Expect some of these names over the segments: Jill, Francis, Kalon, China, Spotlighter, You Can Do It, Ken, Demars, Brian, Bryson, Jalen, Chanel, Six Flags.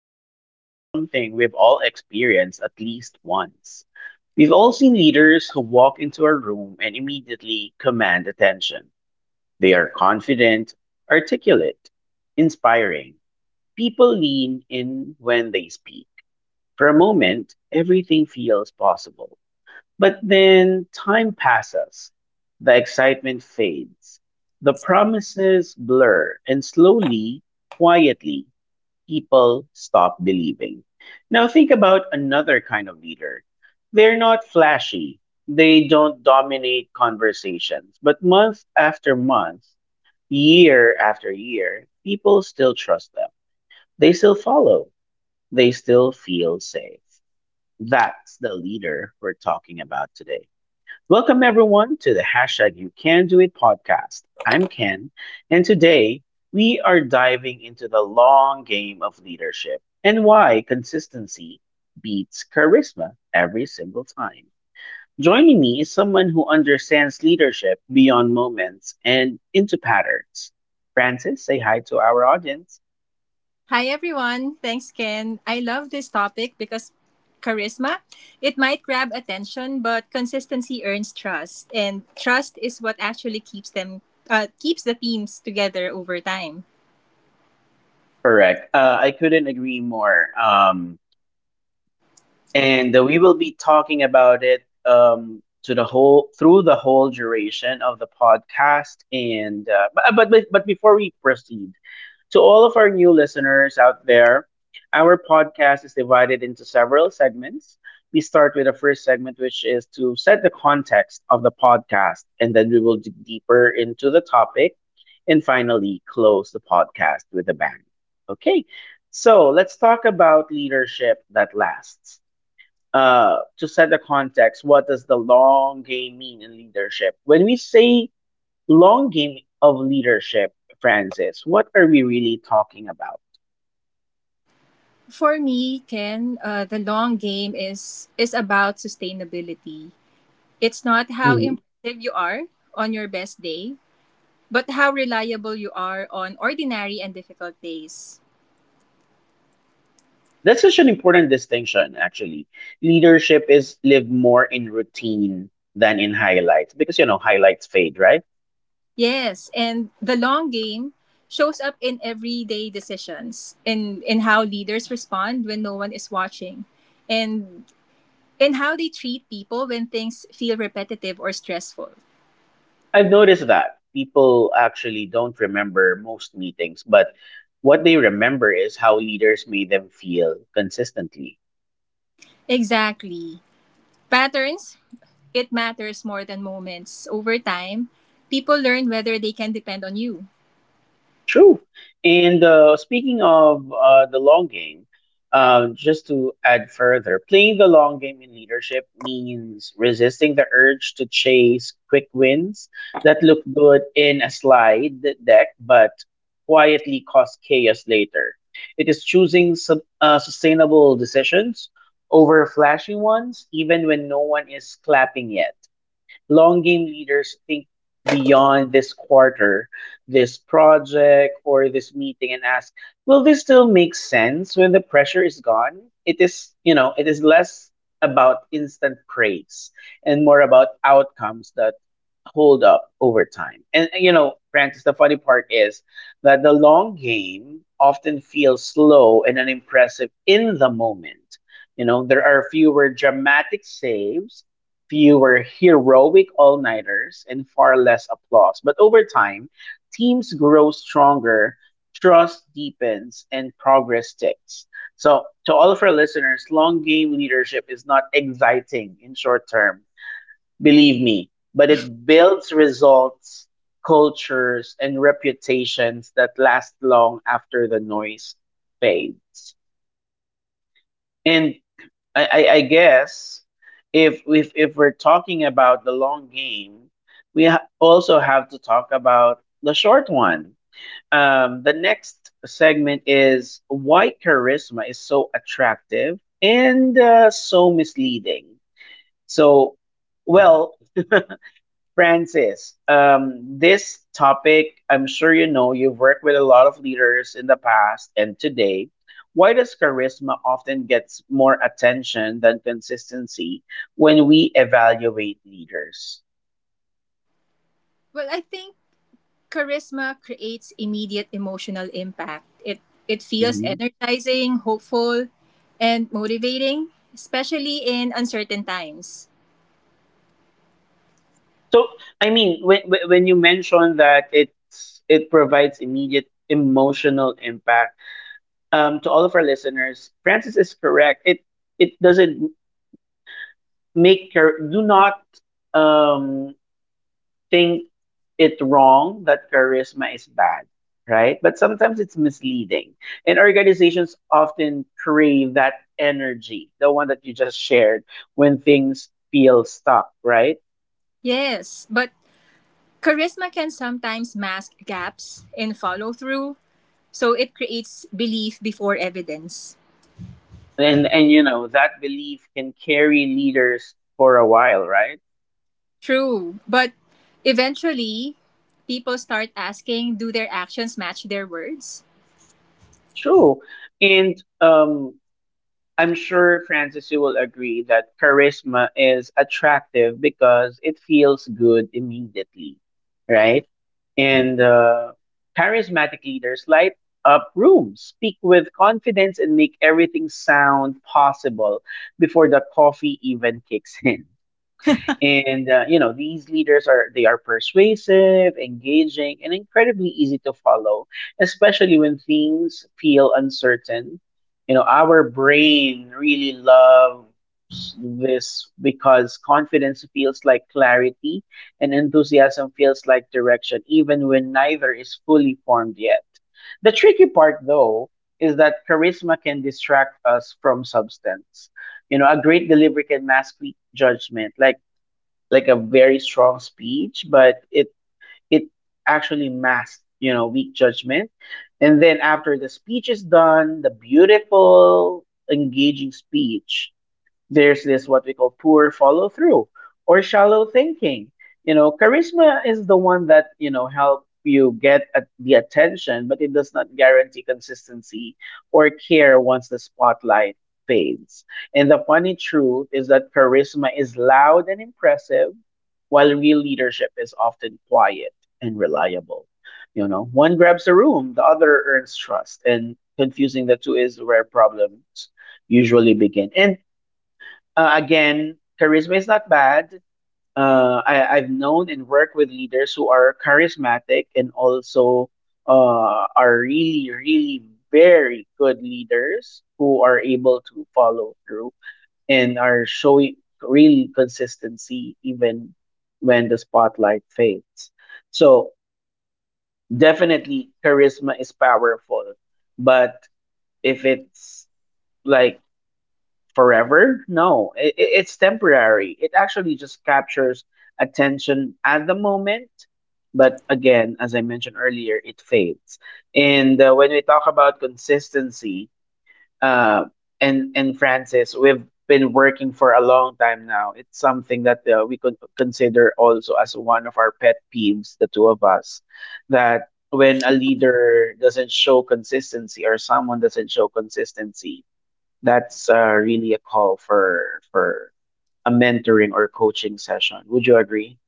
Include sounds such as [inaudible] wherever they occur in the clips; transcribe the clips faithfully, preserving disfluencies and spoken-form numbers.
Let me start with something we've all experienced at least once. We've all seen leaders who walk into a room and immediately command attention. They are confident, articulate, inspiring. People lean in when they speak. For a moment, everything feels possible. But then time passes. The excitement fades. The promises blur, and slowly, quietly, people stop believing. Now, think about another kind of leader. They're not flashy, they don't dominate conversations, but month after month, year after year, people still trust them. They still follow, they still feel safe. That's the leader we're talking about today. Welcome everyone to the hashtag You Can Do It podcast. I'm Ken, and today we are diving into the long game of leadership and why consistency beats charisma every single time. Joining me is someone who understands leadership beyond moments and into patterns. Francis, say hi to our audience. Hi everyone. Thanks Ken. I love this topic because charisma, it might grab attention, but consistency earns trust, and trust is what actually keeps them uh, keeps the teams together over time. Correct. Uh, I couldn't agree more. Um, and uh, we will be talking about it um, to the whole through the whole duration of the podcast. And uh, but but but before we proceed, to all of our new listeners out there, our podcast is divided into several segments. We start with the first segment, which is to set the context of the podcast, and then we will dig deeper into the topic, and finally close the podcast with a bang. Okay, so let's talk about leadership that lasts. Uh, to set the context, what does the long game mean in leadership? When we say long game of leadership, Francis, what are we really talking about? For me, Ken, uh, the long game is is about sustainability. It's not how Mhm. impressive you are on your best day, but how reliable you are on ordinary and difficult days. That's such an important distinction, actually. Leadership is lived more in routine than in highlights because, you know, highlights fade, right? Yes, and the long game shows up in everyday decisions, in in how leaders respond when no one is watching, and in how they treat people when things feel repetitive or stressful. I've noticed that people actually don't remember most meetings, but what they remember is how leaders made them feel consistently. Exactly. Patterns, it matters more than moments. Over time, people learn whether they can depend on you. True. And uh, speaking of uh, the long game, uh, just to add further, playing the long game in leadership means resisting the urge to chase quick wins that look good in a slide deck, but quietly cause chaos later. It is choosing sub, uh, sustainable decisions over flashy ones, even when no one is clapping yet. Long game leaders think beyond this quarter, this project, or this meeting and ask, will this still make sense when the pressure is gone? It is, you know, it is less about instant praise and more about outcomes that hold up over time. And, you know, Francis, the funny part is that the long game often feels slow and unimpressive in the moment. You know, there are fewer dramatic saves, fewer heroic all nighters and far less applause. But over time, teams grow stronger, trust deepens, and progress sticks. So, to all of our listeners, long game leadership is not exciting in short term, believe me, but it builds results, cultures, and reputations that last long after the noise fades. And I, I, I guess if if if we're talking about the long game, we ha- also have to talk about the short one. Um, the next segment is why charisma is so attractive and uh, so misleading. So, well, Francis, um, this topic, I'm sure you know, you've worked with a lot of leaders in the past and today. Why does charisma often gets more attention than consistency when we evaluate leaders? Well, I think Charisma creates immediate emotional impact. It it feels Mhm. energizing, hopeful, and motivating, especially in uncertain times. So, I mean, when when when you mention that it's it provides immediate emotional impact, um, to all of our listeners, Francis is correct. It it doesn't make char- do not um think it wrong that charisma is bad, right? But sometimes it's misleading. And organizations often crave that energy, the one that you just shared, when things feel stuck, right? Yes, but charisma can sometimes mask gaps in follow through, so it creates belief before evidence. And and you know, that belief can carry leaders for a while, right? True, but eventually people start asking, do their actions match their words? True. And um I'm sure Francis you will agree that charisma is attractive because it feels good immediately, right? And uh, charismatic leaders light up rooms, speak with confidence, and make everything sound possible before the coffee even kicks in. And uh, you know, these leaders are they are persuasive, engaging, and incredibly easy to follow, especially when things feel uncertain. You know, our brain really loves this because confidence feels like clarity and enthusiasm feels like direction, even when neither is fully formed yet. The tricky part, though, is that charisma can distract us from substance. You know, a great delivery can mask weak judgment. Like like a very strong speech, but it it actually masked, you know, weak judgment. And then after the speech is done, the beautiful, engaging speech, there's this what we call poor follow through or shallow thinking. You know, charisma is the one that, you know, help you get at the attention, but it does not guarantee consistency or care once the spotlight fades. And the funny truth is that charisma is loud and impressive, while real leadership is often quiet and reliable. You know, one grabs a room, the other earns trust, and confusing the two is where problems usually begin. And uh, again, charisma is not bad. Uh, I, I've known and worked with leaders who are charismatic and also uh, are really, really very good leaders who are able to follow through and are showing real consistency even when the spotlight fades. So, definitely, charisma is powerful, but if it's like forever. No, it, it- it's temporary. It actually just captures attention at the moment, but again, as I mentioned earlier, it fades. And uh, when we talk about consistency, uh, and and Francis, we've been working for a long time now. It's something that uh, we could consider also as one of our pet peeves, the two of us, that when a leader doesn't show consistency or someone doesn't show consistency, that's uh, really a call for for a mentoring or coaching session. Would you agree?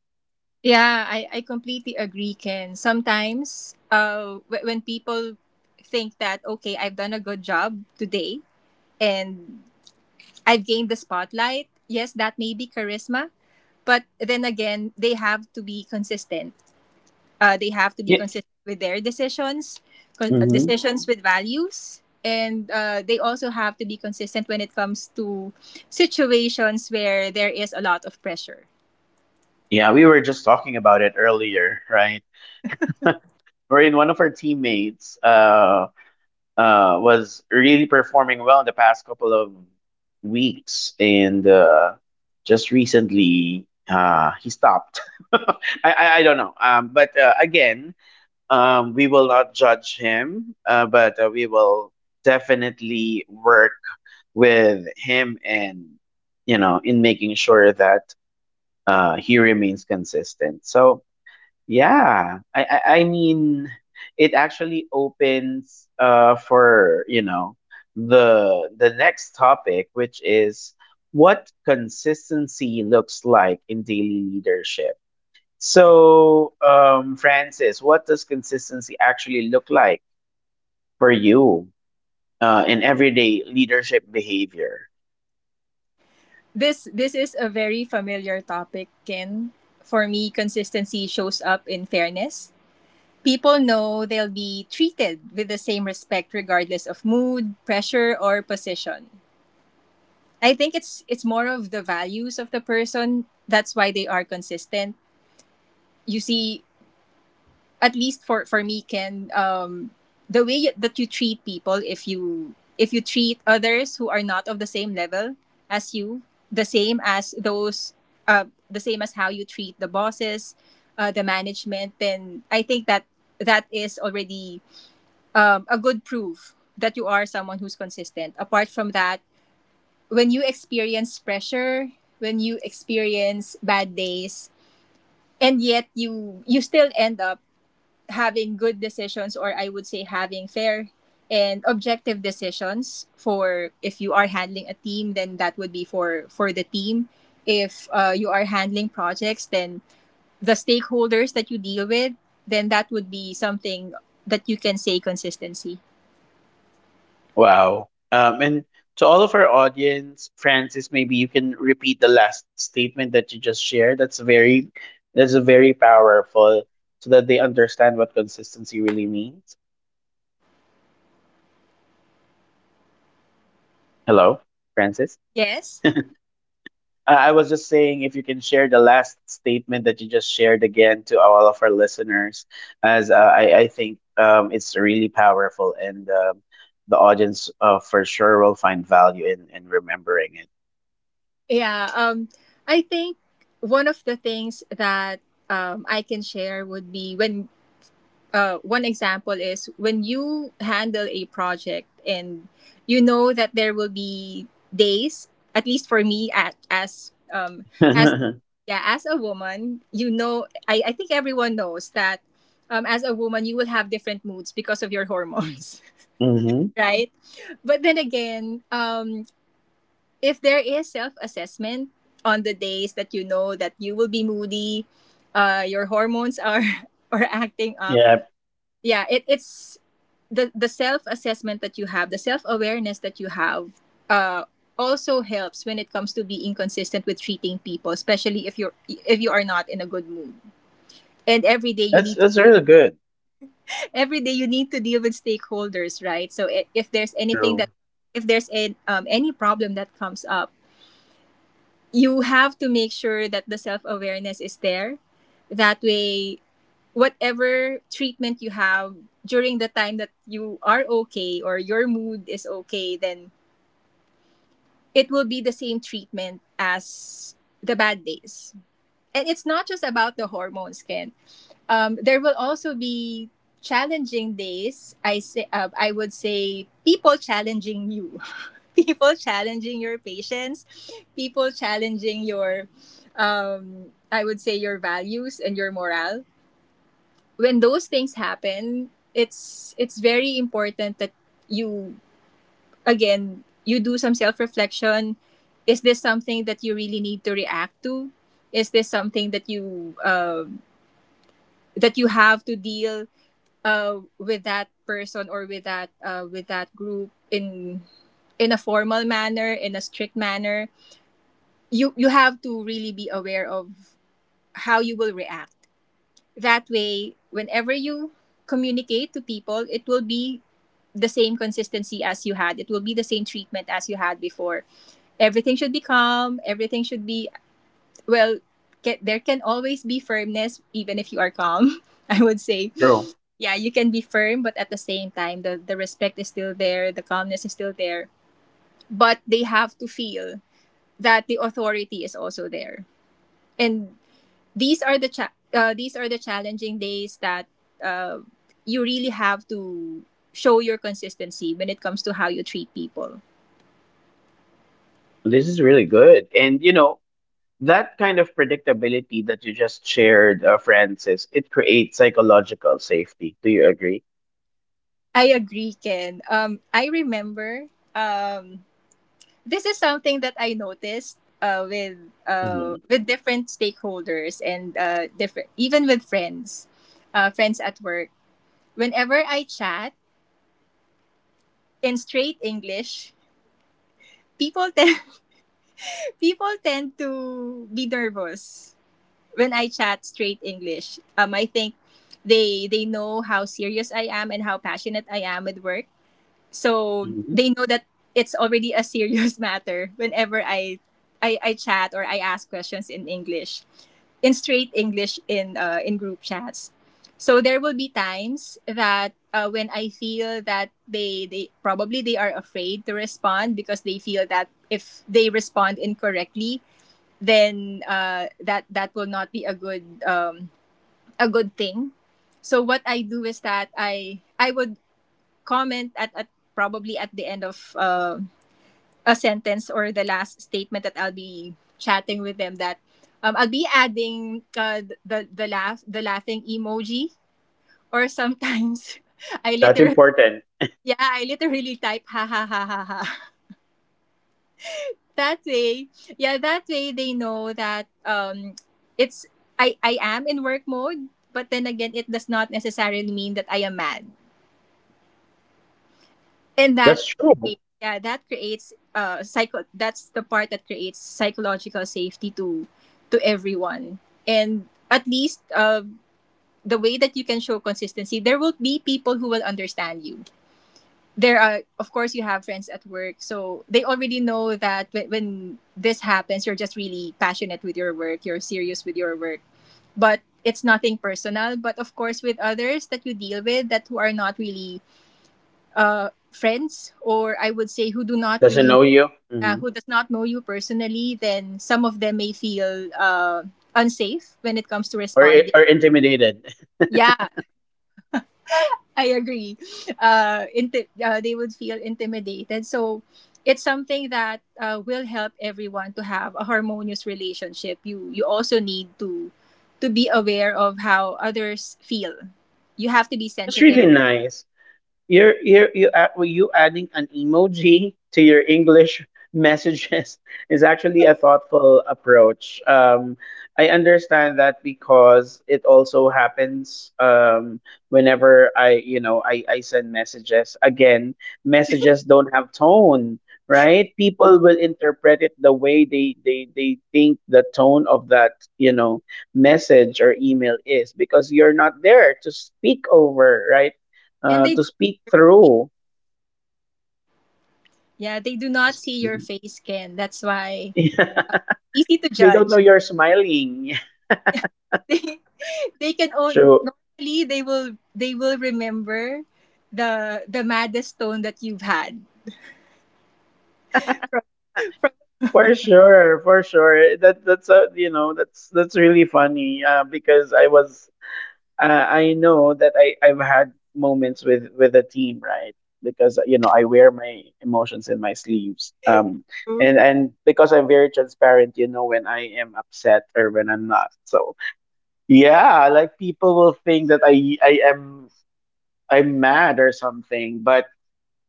Yeah, I, I completely agree, Ken. Sometimes uh, w- when people think that, okay, I've done a good job today and I've gained the spotlight, yes, that may be charisma. But then again, they have to be consistent. Uh, they have to be Yeah. consistent with their decisions, con- uh, Hmm. decisions with values. And uh, they also have to be consistent when it comes to situations where there is a lot of pressure. Yeah, we were just talking about it earlier, right? Wherein one of our teammates uh, uh, was really performing well in the past couple of weeks, and uh, just recently uh, he stopped. [laughs] I, I I don't know, um, but uh, again, Um, we will not judge him, uh, but uh, we will definitely work with him and, you know, in making sure that uh, he remains consistent. So, yeah, I, I, I mean, it actually opens uh, for, you know, the the next topic, which is what consistency looks like in daily leadership. So, um, Francis, what does consistency actually look like for you uh, in everyday leadership behavior? This this is a very familiar topic, Ken. For me, consistency shows up in fairness. People know they'll be treated with the same respect regardless of mood, pressure, or position. I think it's it's more of the values of the person. That's why they are consistent. You see, at least for for me, Ken, um the way you- that you treat people, if you if you treat others who are not of the same level as you, the same as those, uh the same as how you treat the bosses, uh, the management, then I think that that is already um, a good proof that you are someone who's consistent. Apart from that, when you experience pressure, when you experience bad days, and yet you you still end up having good decisions, or I would say having fair and objective decisions. For if you are handling a team, then that would be for for the team. If uh, you are handling projects, then the stakeholders that you deal with, then that would be something that you can say consistency. Wow. Um, and to all of our audience, Francis, maybe you can repeat the last statement that you just shared. That's very, that's very powerful, so that they understand what consistency really means. Hello, Francis. Yes. I I was just saying if you can share the last statement that you just shared again to all of our listeners, as uh, I, I think um, it's really powerful and um, the audience uh, for sure will find value in, in remembering it. yeah um I think one of the things that um, I can share would be when, uh, one example is when you handle a project and you know that there will be days. At least for me, at as um as [laughs] yeah, as a woman, you know, i, I think everyone knows that, um, as a woman, you will have different moods because of your hormones. Hmm. [laughs] Right? But then again, um if there is self-assessment on the days that you know that you will be moody, uh your hormones are [laughs] are acting up. Yeah, Yeah, it, it's the the self assessment that you have, the self awareness that you have, uh, also helps when it comes to being consistent with treating people, especially if you're if you are not in a good mood. And every day you that's need to that's deal- really good. [laughs] every day you need to deal with stakeholders, right? So i- if there's anything True, that, if there's a, um, any problem that comes up, you have to make sure that the self awareness is there. That way, whatever treatment you have during the time that you are okay, or your mood is okay, then it will be the same treatment as the bad days. And it's not just about the hormones, Ken. Um, there will also be challenging days. I say, uh, I would say, people challenging you, [laughs] people challenging your patience, people challenging your, um, I would say, your values and your morale. When those things happen, it's it's very important that you, again, you do some self reflection. Is this something that you really need to react to? Is this something that you uh, that you have to deal uh, with that person, or with that uh, with that group in in a formal manner, in a strict manner? You you have to really be aware of how you will react. That way, whenever you communicate to people, it will be the same consistency as you had. It will be the same treatment as you had before. Everything should be calm, everything should be well. Ca- there can always be firmness even if you are calm. [laughs] I would say, true. yeah, you can be firm, but at the same time, the, the respect is still there, the calmness is still there, but they have to feel that the authority is also there. And these are the cha- uh, these are the challenging days that uh, you really have to show your consistency when it comes to how you treat people. This is really good, and you know that kind of predictability that you just shared, uh, Francis, it creates psychological safety. Do you agree? I agree, Ken. um I remember, um this is something that I noticed uh, with uh, Hmm. with different stakeholders, and uh, different, even with friends, uh, friends at work. Whenever I chat in straight English, people tend, [laughs] people tend to be nervous when I chat straight English. Um, I think they they know how serious I am and how passionate I am with work. So Hmm. they know that it's already a serious [laughs] matter whenever I I, I chat or I ask questions in English, in straight English, in uh, in group chats. So there will be times that, uh, when I feel that they they probably, they are afraid to respond because they feel that if they respond incorrectly, then uh, that that will not be a good um, a good thing. So what I do is that I I would comment at, at probably at the end of uh, a sentence or the last statement that I'll be chatting with them, that um, I'll be adding uh, the the laugh, the laughing emoji, or sometimes [laughs] I That's literally, important. yeah, I literally type ha ha ha ha ha. That way, yeah, that way they know that, um it's, I I am in work mode, but then again, it does not necessarily mean that I am mad. And that That's true. creates, yeah, that creates uh psycho that's the part that creates psychological safety to to everyone. And at least, uh the way that you can show consistency, there will be people who will understand you. There are, of course, you have friends at work, so they already know that when, when this happens, you're just really passionate with your work, you're serious with your work, but it's nothing personal. But of course, with others that you deal with, that who are not really uh, friends, or I would say, who do not Doesn't really, know you, uh, hmm. who does not know you personally, then some of them may feel uh, unsafe when it comes to or responding. or intimidated. Yeah, I agree. Uh, inti- uh, they would feel intimidated. So it's something that uh, will help everyone to have a harmonious relationship. You you also need to to be aware of how others feel. You have to be [laughs] That's sensitive, really nice. You're you're you add, well, you adding an emoji to your English messages [laughs] is actually a thoughtful approach. Um, I understand that because it also happens um, whenever I you know I I send messages. Again, messages don't have tone, right? People will interpret it the way they they they think the tone of that you know message or email is because you're not there to speak over, right? and uh, they, To speak through. yeah, they do not see your [laughs] face, Ken. That's why easy to They don't know judge. you're smiling. [laughs] [laughs] They they can own, So normally they will, they will remember the the maddest tone that you've had. for sure, for sure, that that's a, you know that's that's really funny uh, because I was uh, I know that I I've had moments with with the team, right? Because you know I wear my emotions in my sleeves um True. and and because I'm very transparent you know when I am upset or when I'm not. So yeah, like people will think that I I am I'm mad or something. But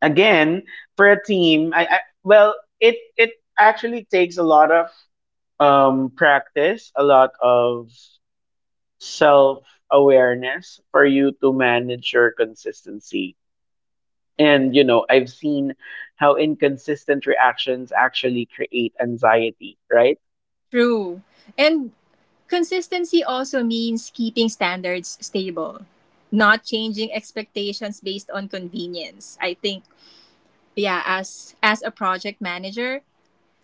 again, for a team, I, I well, it it actually takes a lot of um practice, a lot of self awareness for you to manage your consistency. And you know, I've seen how inconsistent reactions actually create anxiety, right? True. And consistency also means keeping standards stable, not changing expectations based on convenience. I think, yeah, as as a project manager,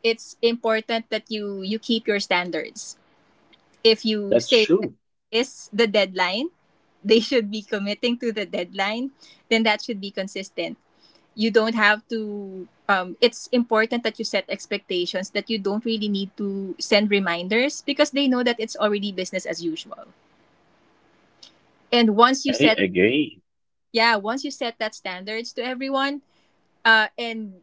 it's important that you you keep your standards. If you That's say that true. is the deadline, they should be committing to the deadline, then that should be consistent. You don't have to, um, it's important that you set expectations that you don't really need to send reminders, because they know that it's already business as usual. And once you I set, agree. yeah, once you set that standards to everyone, uh, and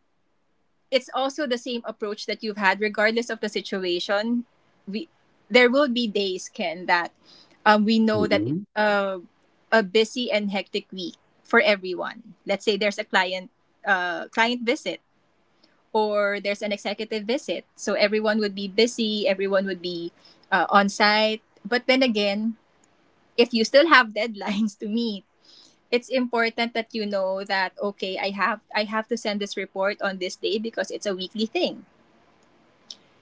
it's also the same approach that you've had regardless of the situation we there will be days, Ken, that um, we know that Mhm. it's a, a busy and hectic week for everyone. Let's say there's a client uh, client visit or there's an executive visit, so everyone would be busy, everyone would be uh, on site. But then again, if you still have deadlines [laughs] to meet, it's important that you know that okay, i have i have to send this report on this day because it's a weekly thing.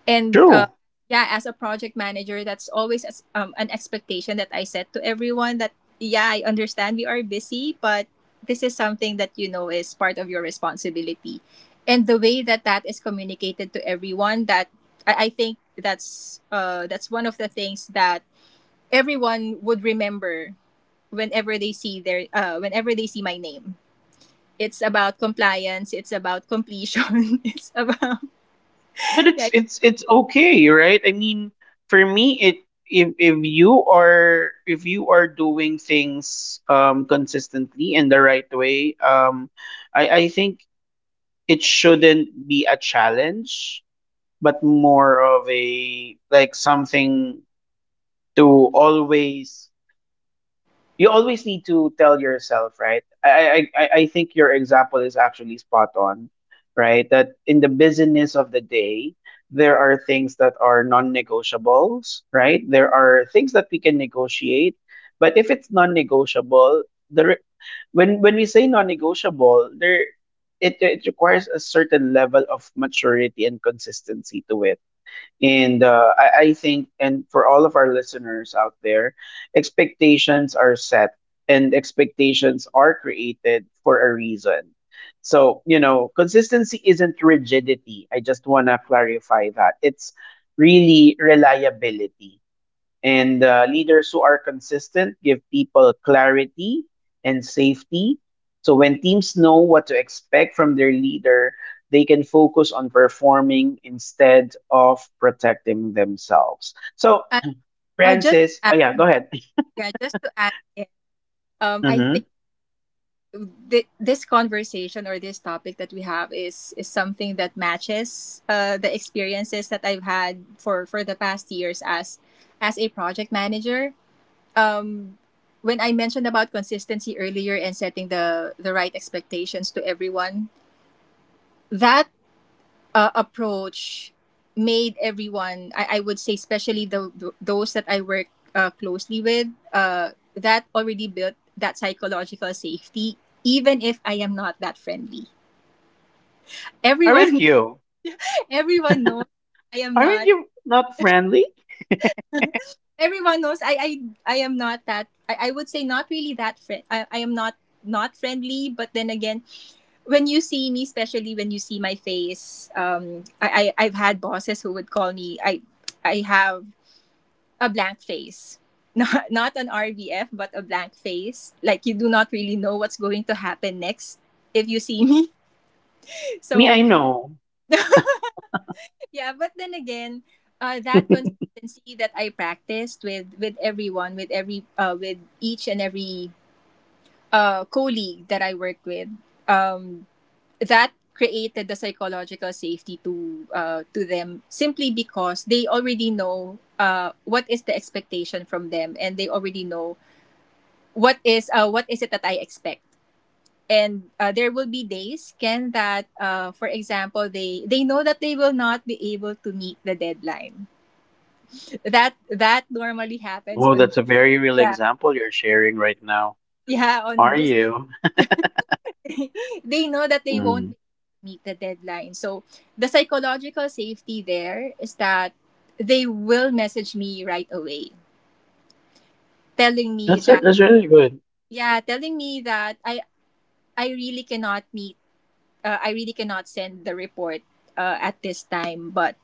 And uh, True. yeah, as a project manager, that's always as, um, an expectation that I set to everyone that yeah, I understand we are busy, but this is something that you know is part of your responsibility. And the way that that is communicated to everyone, that i, I think that's uh, that's one of the things that everyone would remember whenever they see their uh, whenever they see my name. It's about compliance, it's about completion, [laughs] it's about But [laughs] yeah. it's it's it's okay, right? I mean, for me, it if if you are if you are doing things um consistently in the right way, um, I I think it shouldn't be a challenge, but more of a like something to always you always need to tell yourself, right? I, I, I I think your example is actually spot on, right? That in the busyness of the day, there are things that are non negotiables, right? There are things that we can negotiate. But if it's non negotiable, the re- when when we say non negotiable, there it, it requires a certain level of maturity and consistency to it and uh, I, I think, and for all of our listeners out there, expectations are set and expectations are created for a reason. So, you know, consistency isn't rigidity. I just want to clarify that. It's really reliability. And uh, leaders who are consistent give people clarity and safety. So when teams know what to expect from their leader, they can focus on performing instead of protecting themselves. So, uh, uh, just Francis, to oh add, yeah, go ahead. [laughs] yeah, just to add, in, um, I think Mm-hmm. th- this conversation, or this topic that we have, is is something that matches uh, the experiences that I've had for for the past years as as a project manager. Um, when I mentioned about consistency earlier and setting the the right expectations to everyone, that uh, approach made everyone, I, I would say especially the, th those that I work uh, closely with, uh, that already built that psychological safety. Even if I am not that friendly, Aren't everyone you? [laughs] everyone knows I am Aren't not, you not friendly? everyone knows I I, I am not that I, I would say not really that friend I, I am not not friendly. But then again, when you see me, especially when you see my face, um I, I I've had bosses who would call me, I I have a blank face. [laughs] Not not an R B F, but a blank face. Like you do not really know what's going to happen next if you see me. [laughs] Me, So I know. yeah, but then again, uh, that consistency that I practiced with with everyone, with every uh, with each and every uh, colleague that I worked with, um, that created the psychological safety to uh, to them, simply because they already know uh, what is the expectation from them, and they already know what is uh, what is it that I expect. And uh, there will be days, Ken, that uh, for example, they they know that they will not be able to meet the deadline. That that normally happens Oh, on, that's a very real yeah, example you're sharing right now. yeah, on Are this. you? [laughs] They know that they won't be Mm. able to meet the deadline. So the psychological safety there is that they will message me right away, telling me That's that, that's really good. yeah, telling me that I I really cannot meet, uh, I really cannot send the report uh, at this time. But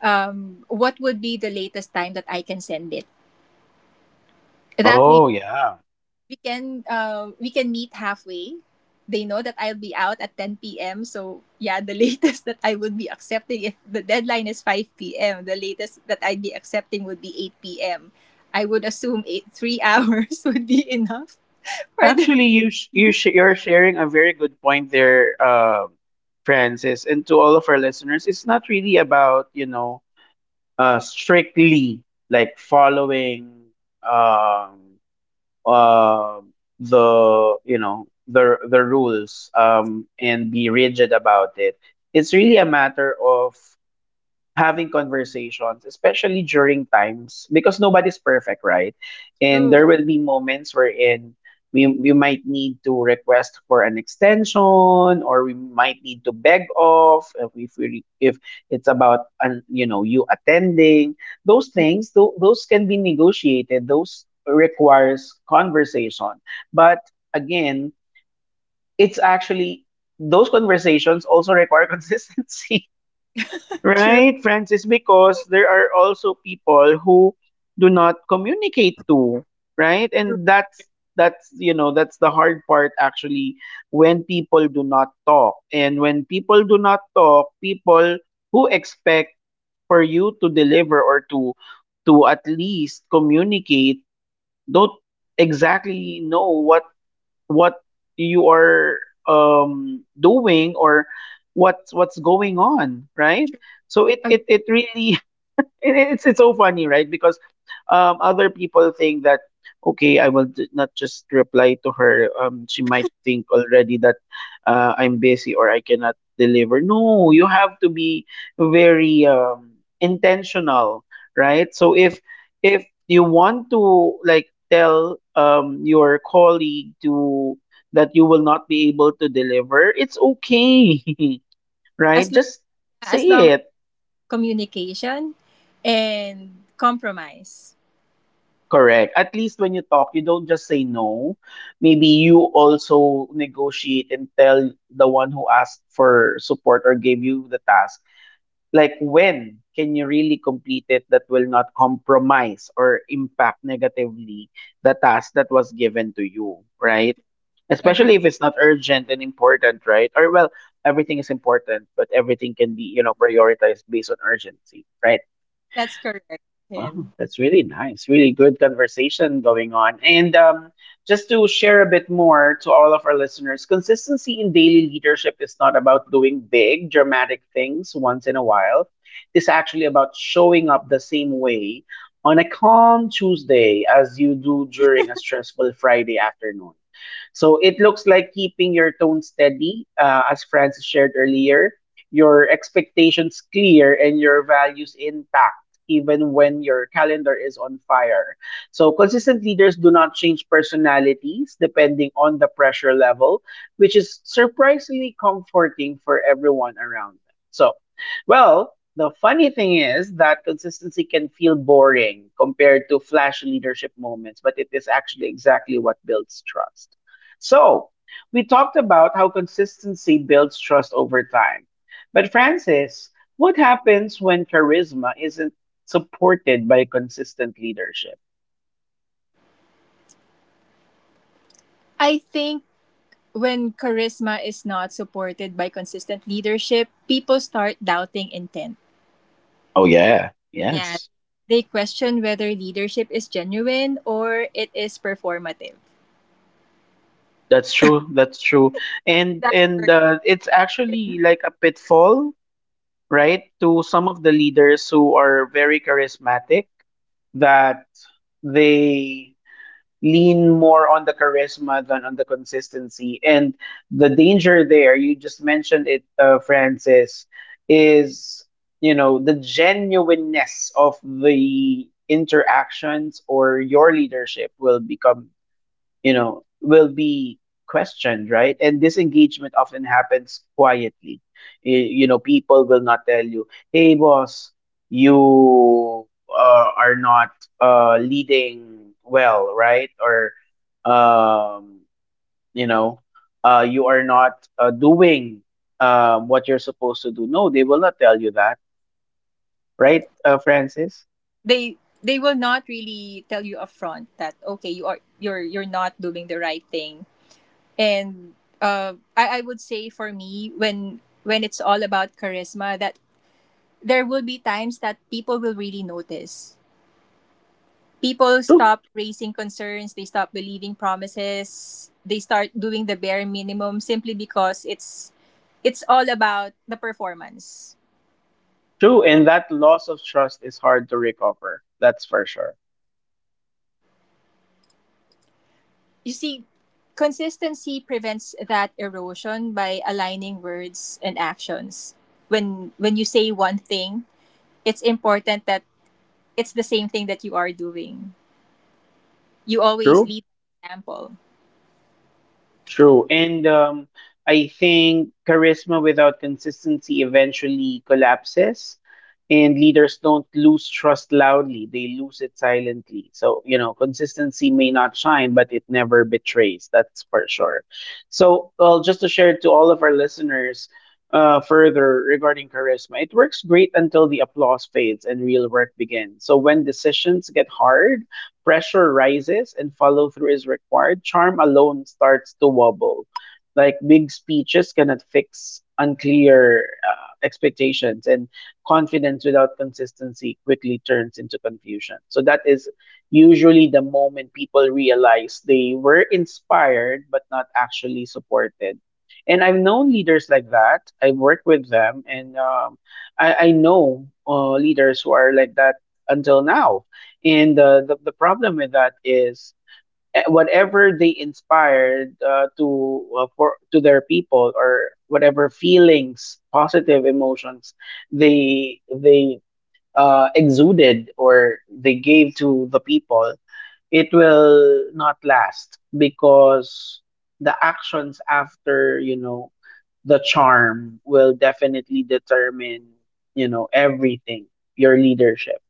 um, what would be the latest time that I can send it? That way Oh yeah. we can uh, we can meet halfway. They know that I'll be out at ten p m. So yeah, the [laughs] latest that I would be accepting, if the deadline is five p m, the latest that I'd be accepting would be eight p m. I would assume eight, three hours [laughs] would be enough for them. Actually, you sh- you [laughs] sh- you're sharing a very good point there, uh, Francis, and to all of our listeners, it's not really about you know uh, strictly like following um, uh, the you know the the rules um, and be rigid about it. It's really a matter of having conversations, especially during times because nobody's perfect, right? And True, there will be moments wherein we we might need to request for an extension, or we might need to beg off if if, we, if it's about an, you know you attending those yeah, things. Tho- those can be negotiated. Those requires conversation, but again, it's actually those conversations also require [laughs] consistency. true. Right, Francis, because there are also people who do not communicate to, right? And that's that's you know, that's the hard part actually when people do not talk. And when people do not talk, people who expect for you to deliver or to to at least communicate don't exactly know what what you are um doing or what's what's going on, right? So it it, it really [laughs] And it- it's it's so funny, right? Because um, other people think that okay, I will ju- not just reply to her. Um, she might think already that uh, I'm busy or I cannot deliver. No, you have to be very um, intentional, right? So if if you want to like tell um, your colleague to that you will not be able to deliver, it's okay, [laughs] right? As long, Just as say long, it. communication and compromise. Correct. At least when you talk, you don't just say no. Maybe you also negotiate and tell the one who asked for support or gave you the task, like when can you really complete it that will not compromise or impact negatively the task that was given to you, right? Agree. Especially if it's not urgent and important, right? Or well, everything is important, but everything can be, you know, prioritized based on urgency, right? That's correct, Wow, Ken. that's really nice. Really good conversation going on. And um, just to share a bit more to all of our listeners, consistency in daily leadership is not about doing big, dramatic things once in a while. It's actually about showing up the same way on a calm Tuesday as you do during a stressful Friday afternoon. So it looks like keeping your tone steady, uh, as Francis shared earlier, your expectations clear and your values intact, even when your calendar is on fire. So, consistent leaders do not change personalities depending on the pressure level, which is surprisingly comforting for everyone around them. So, well, the funny thing is that consistency can feel boring compared to flashy leadership moments, but it is actually exactly what builds trust. So, we talked about how consistency builds trust over time. But Francis, what happens when charisma isn't supported by consistent leadership? I think when charisma is not supported by consistent leadership, people start doubting intent. Oh yeah, Yeah. yes. They question whether leadership is genuine or it is performative. That's true. That's true. And That and word. uh, it's actually like a pitfall, right? To some of the leaders who are very charismatic that they lean more on the charisma than on the consistency. And the danger there, you just mentioned it, uh, Francis, is you know the genuineness of the interactions or your leadership will become you know, will be questioned, right? And this engagement often happens quietly. Y- You know, people will not tell you, hey, boss, you uh, are not uh, leading well, right? Or, um, you know, uh, you are not uh, doing uh, what you're supposed to do. No, they will not tell you that, right, uh, Francis? They they will not really tell you upfront that okay, you are, you're you're not doing the right thing. And uh, I, I would say, for me, when when it's all about charisma, that there will be times that people will really notice. People True, stop raising concerns, they stop believing promises, they start doing the bare minimum simply because it's it's all about the performance. true. And that loss of trust is hard to recover. That's for sure. You see, consistency prevents that erosion by aligning words and actions. when when you say one thing, it's important that it's the same thing that you are doing. You always True. lead by example. True. And um, I think charisma without consistency eventually collapses, and leaders don't lose trust loudly, they lose it silently. So, you know, consistency may not shine, but it never betrays. That's for sure. So, well, just to share to all of our listeners uh, further regarding charisma, it works great until the applause fades and real work begins. So, when decisions get hard, pressure rises and follow through is required, charm alone starts to wobble. Like big speeches cannot fix unclear uh, expectations, and confidence without consistency quickly turns into confusion. So, that is usually the moment people realize they were inspired but not actually supported. And I've known leaders like that. I've worked with them, and um, I, I know uh, leaders who are like that until now and uh, the the problem with that is eh, whatever they inspired uh, to uh, for to their people or whatever feelings, positive emotions they they uh, exuded or they gave to the people, it will not last because the actions after you know the charm will definitely determine you know everything your leadership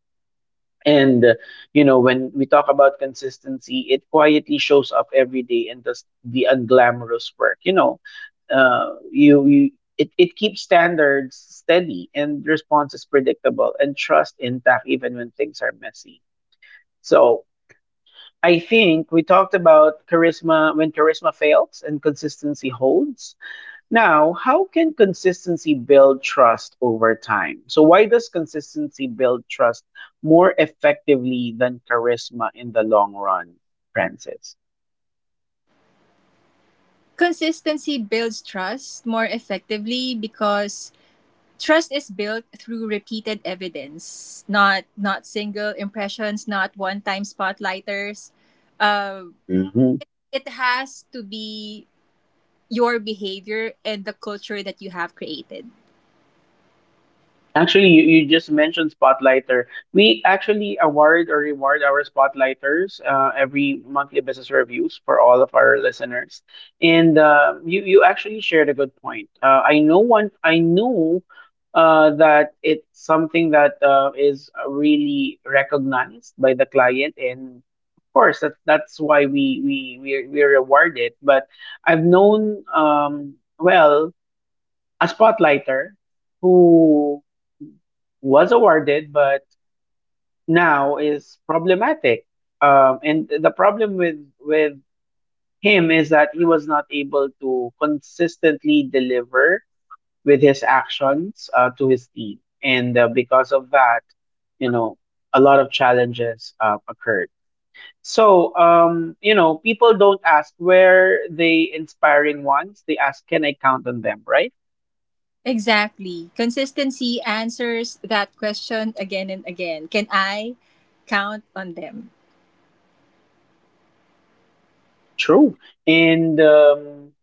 and uh, you know, when we talk about consistency, it quietly shows up every day in this the unglamorous work. You know, uh, you, you it it keeps standards steady and responses predictable and trust intact even when things are messy. So I think we talked about charisma when charisma fails and consistency holds. Now, how can consistency build trust over time? So, why does consistency build trust more effectively than charisma in the long run, Francis? Consistency builds trust more effectively because trust is built through repeated evidence, not not single impressions, not one-time spotlighters. Um, it has to be your behavior and the culture that you have created. Actually, you, you just mentioned Spotlighter. We actually award or reward our Spotlighters uh, every monthly business reviews for all of our listeners. And uh, you you actually shared a good point. Uh, I know one. I know uh, that it's something that uh, is really recognized by the client, and of course that that's why we we we we reward it. But I've known um, well a Spotlighter who was awarded, but now is problematic. Um, and the problem with with him is that he was not able to consistently deliver with his actions uh, to his team, and uh, because of that, you know, a lot of challenges uh, occurred. So, um, you know, people don't ask where the inspiring ones; they ask, "Can I count on them?" Right? Exactly. Consistency answers that question again and again. Can I count on them? True. And um,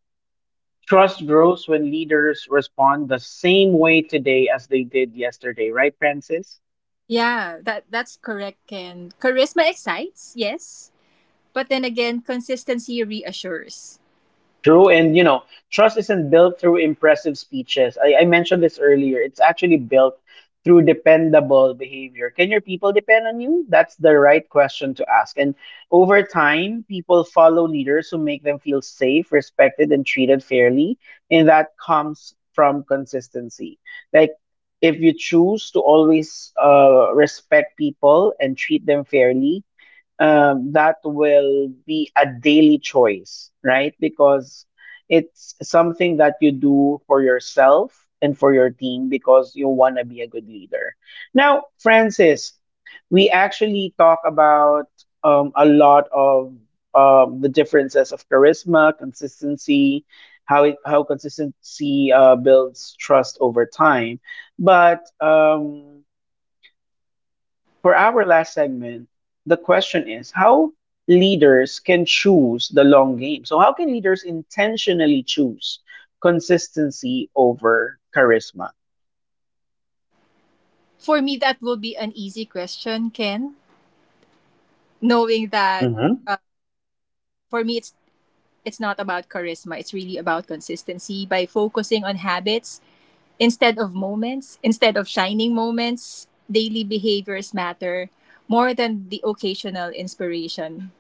trust grows when leaders respond the same way today as they did yesterday, right, Francis? Yeah, that that's correct, Ken. Charisma excites, yes, but then again, consistency reassures. True, and you know, trust isn't built through impressive speeches. I, I mentioned this earlier. It's actually built through dependable behavior. Can your people depend on you? That's the right question to ask. And over time, people follow leaders who make them feel safe, respected, and treated fairly. And that comes from consistency. Like, if you choose to always uh, respect people and treat them fairly, um, that will be a daily choice, right? Because it's something that you do for yourself and for your team because you want to be a good leader. Now, Francis, we actually talk about um, a lot of um, the differences of charisma, consistency, how it, how consistency uh, builds trust over time. But um, for our last segment, the question is how leaders can choose the long game. So, how can leaders intentionally choose consistency over charisma? For me, that will be an easy question, Ken. Knowing that, Hmm. uh, for me, it's it's not about charisma. It's really about consistency. By focusing on habits instead of moments, instead of shining moments, daily behaviors matter more than the occasional inspiration.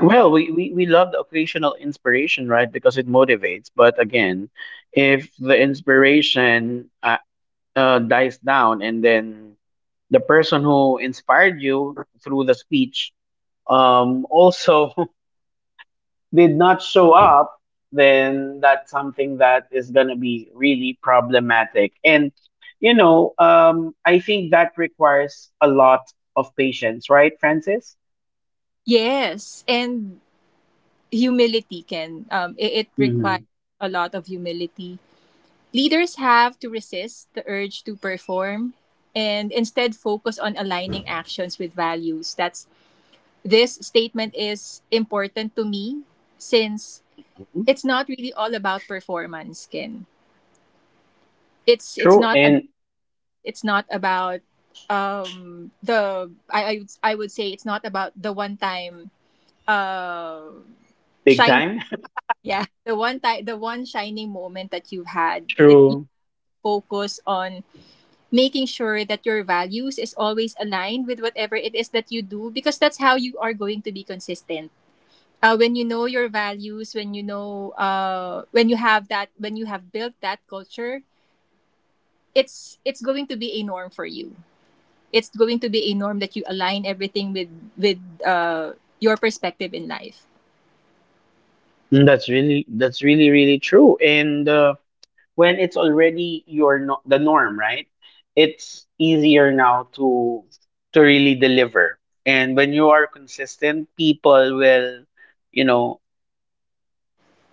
Well, we, we, we love the occasional inspiration, right? Because it motivates. But again, if the inspiration uh, uh, dies down and then the person who inspired you through the speech um, also did not show up, then that's something that is going to be really problematic. And, you know, um, I think that requires a lot of patience, right, Francis? Yes, and humility, Ken. Um, it, it requires Mhm. a lot of humility. Leaders have to resist the urge to perform and instead focus on aligning actions with values. That's, this statement is important to me since Mhm. it's not really all about performance, Ken. It's it's True. not about, And it's not about, um the I I would, I would say it's not about the one time uh big shining, time. [laughs] [laughs] yeah, the one time, the one shining moment that you've had. It You True. focus on making sure that your values is always aligned with whatever it is that you do, because that's how you are going to be consistent. Uh, when you know your values, when you know, uh, when you have that, when you have built that culture, it's it's going to be a norm for you. It's going to be a norm that you align everything with, with uh, your perspective in life. Mm. That's really that's really really true. And uh, when it's already your no- the norm, right? It's easier now to to really deliver. And when you are consistent, people will, you know,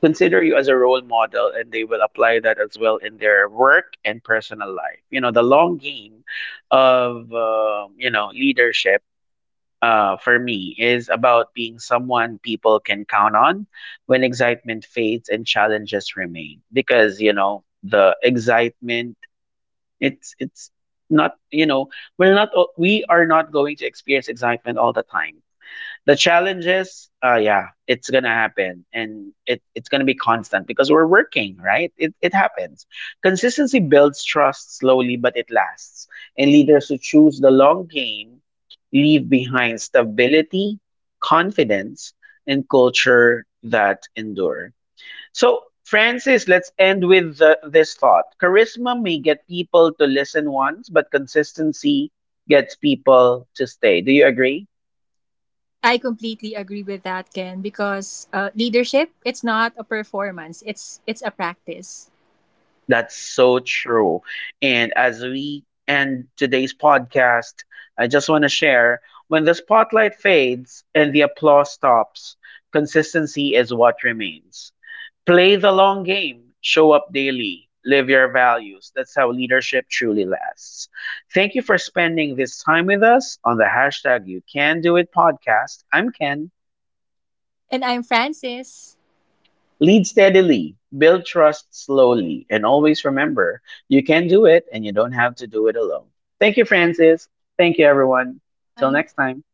consider you as a role model and they will apply that as well in their work and personal life, you know, the long game of um, you know leadership uh, for me is about being someone people can count on when excitement fades and challenges remain because you know the excitement it's it's not you know we're not we are not going to experience excitement all the time. The challenge is, uh, yeah, it's gonna happen, and it it's gonna be constant because we're working, right? It it happens. Consistency builds trust slowly, but it lasts. And leaders who choose the long game leave behind stability, confidence, and culture that endure. So, Francis, let's end with the, this thought. Charisma may get people to listen once, but consistency gets people to stay. Do you agree? I completely agree with that, Ken, because uh, leadership, it's not a performance, it's it's a practice. That's so true. And as we end today's podcast, I just want to share, when the spotlight fades and the applause stops, consistency is what remains. Play the long game, show up daily, live your values. That's how leadership truly lasts. Thank you for spending this time with us on the hashtag You Can Do It podcast. I'm Ken. And I'm Francis. Lead steadily, build trust slowly, and always remember you can do it and you don't have to do it alone. Thank you, Francis. Thank you, everyone. Till next time.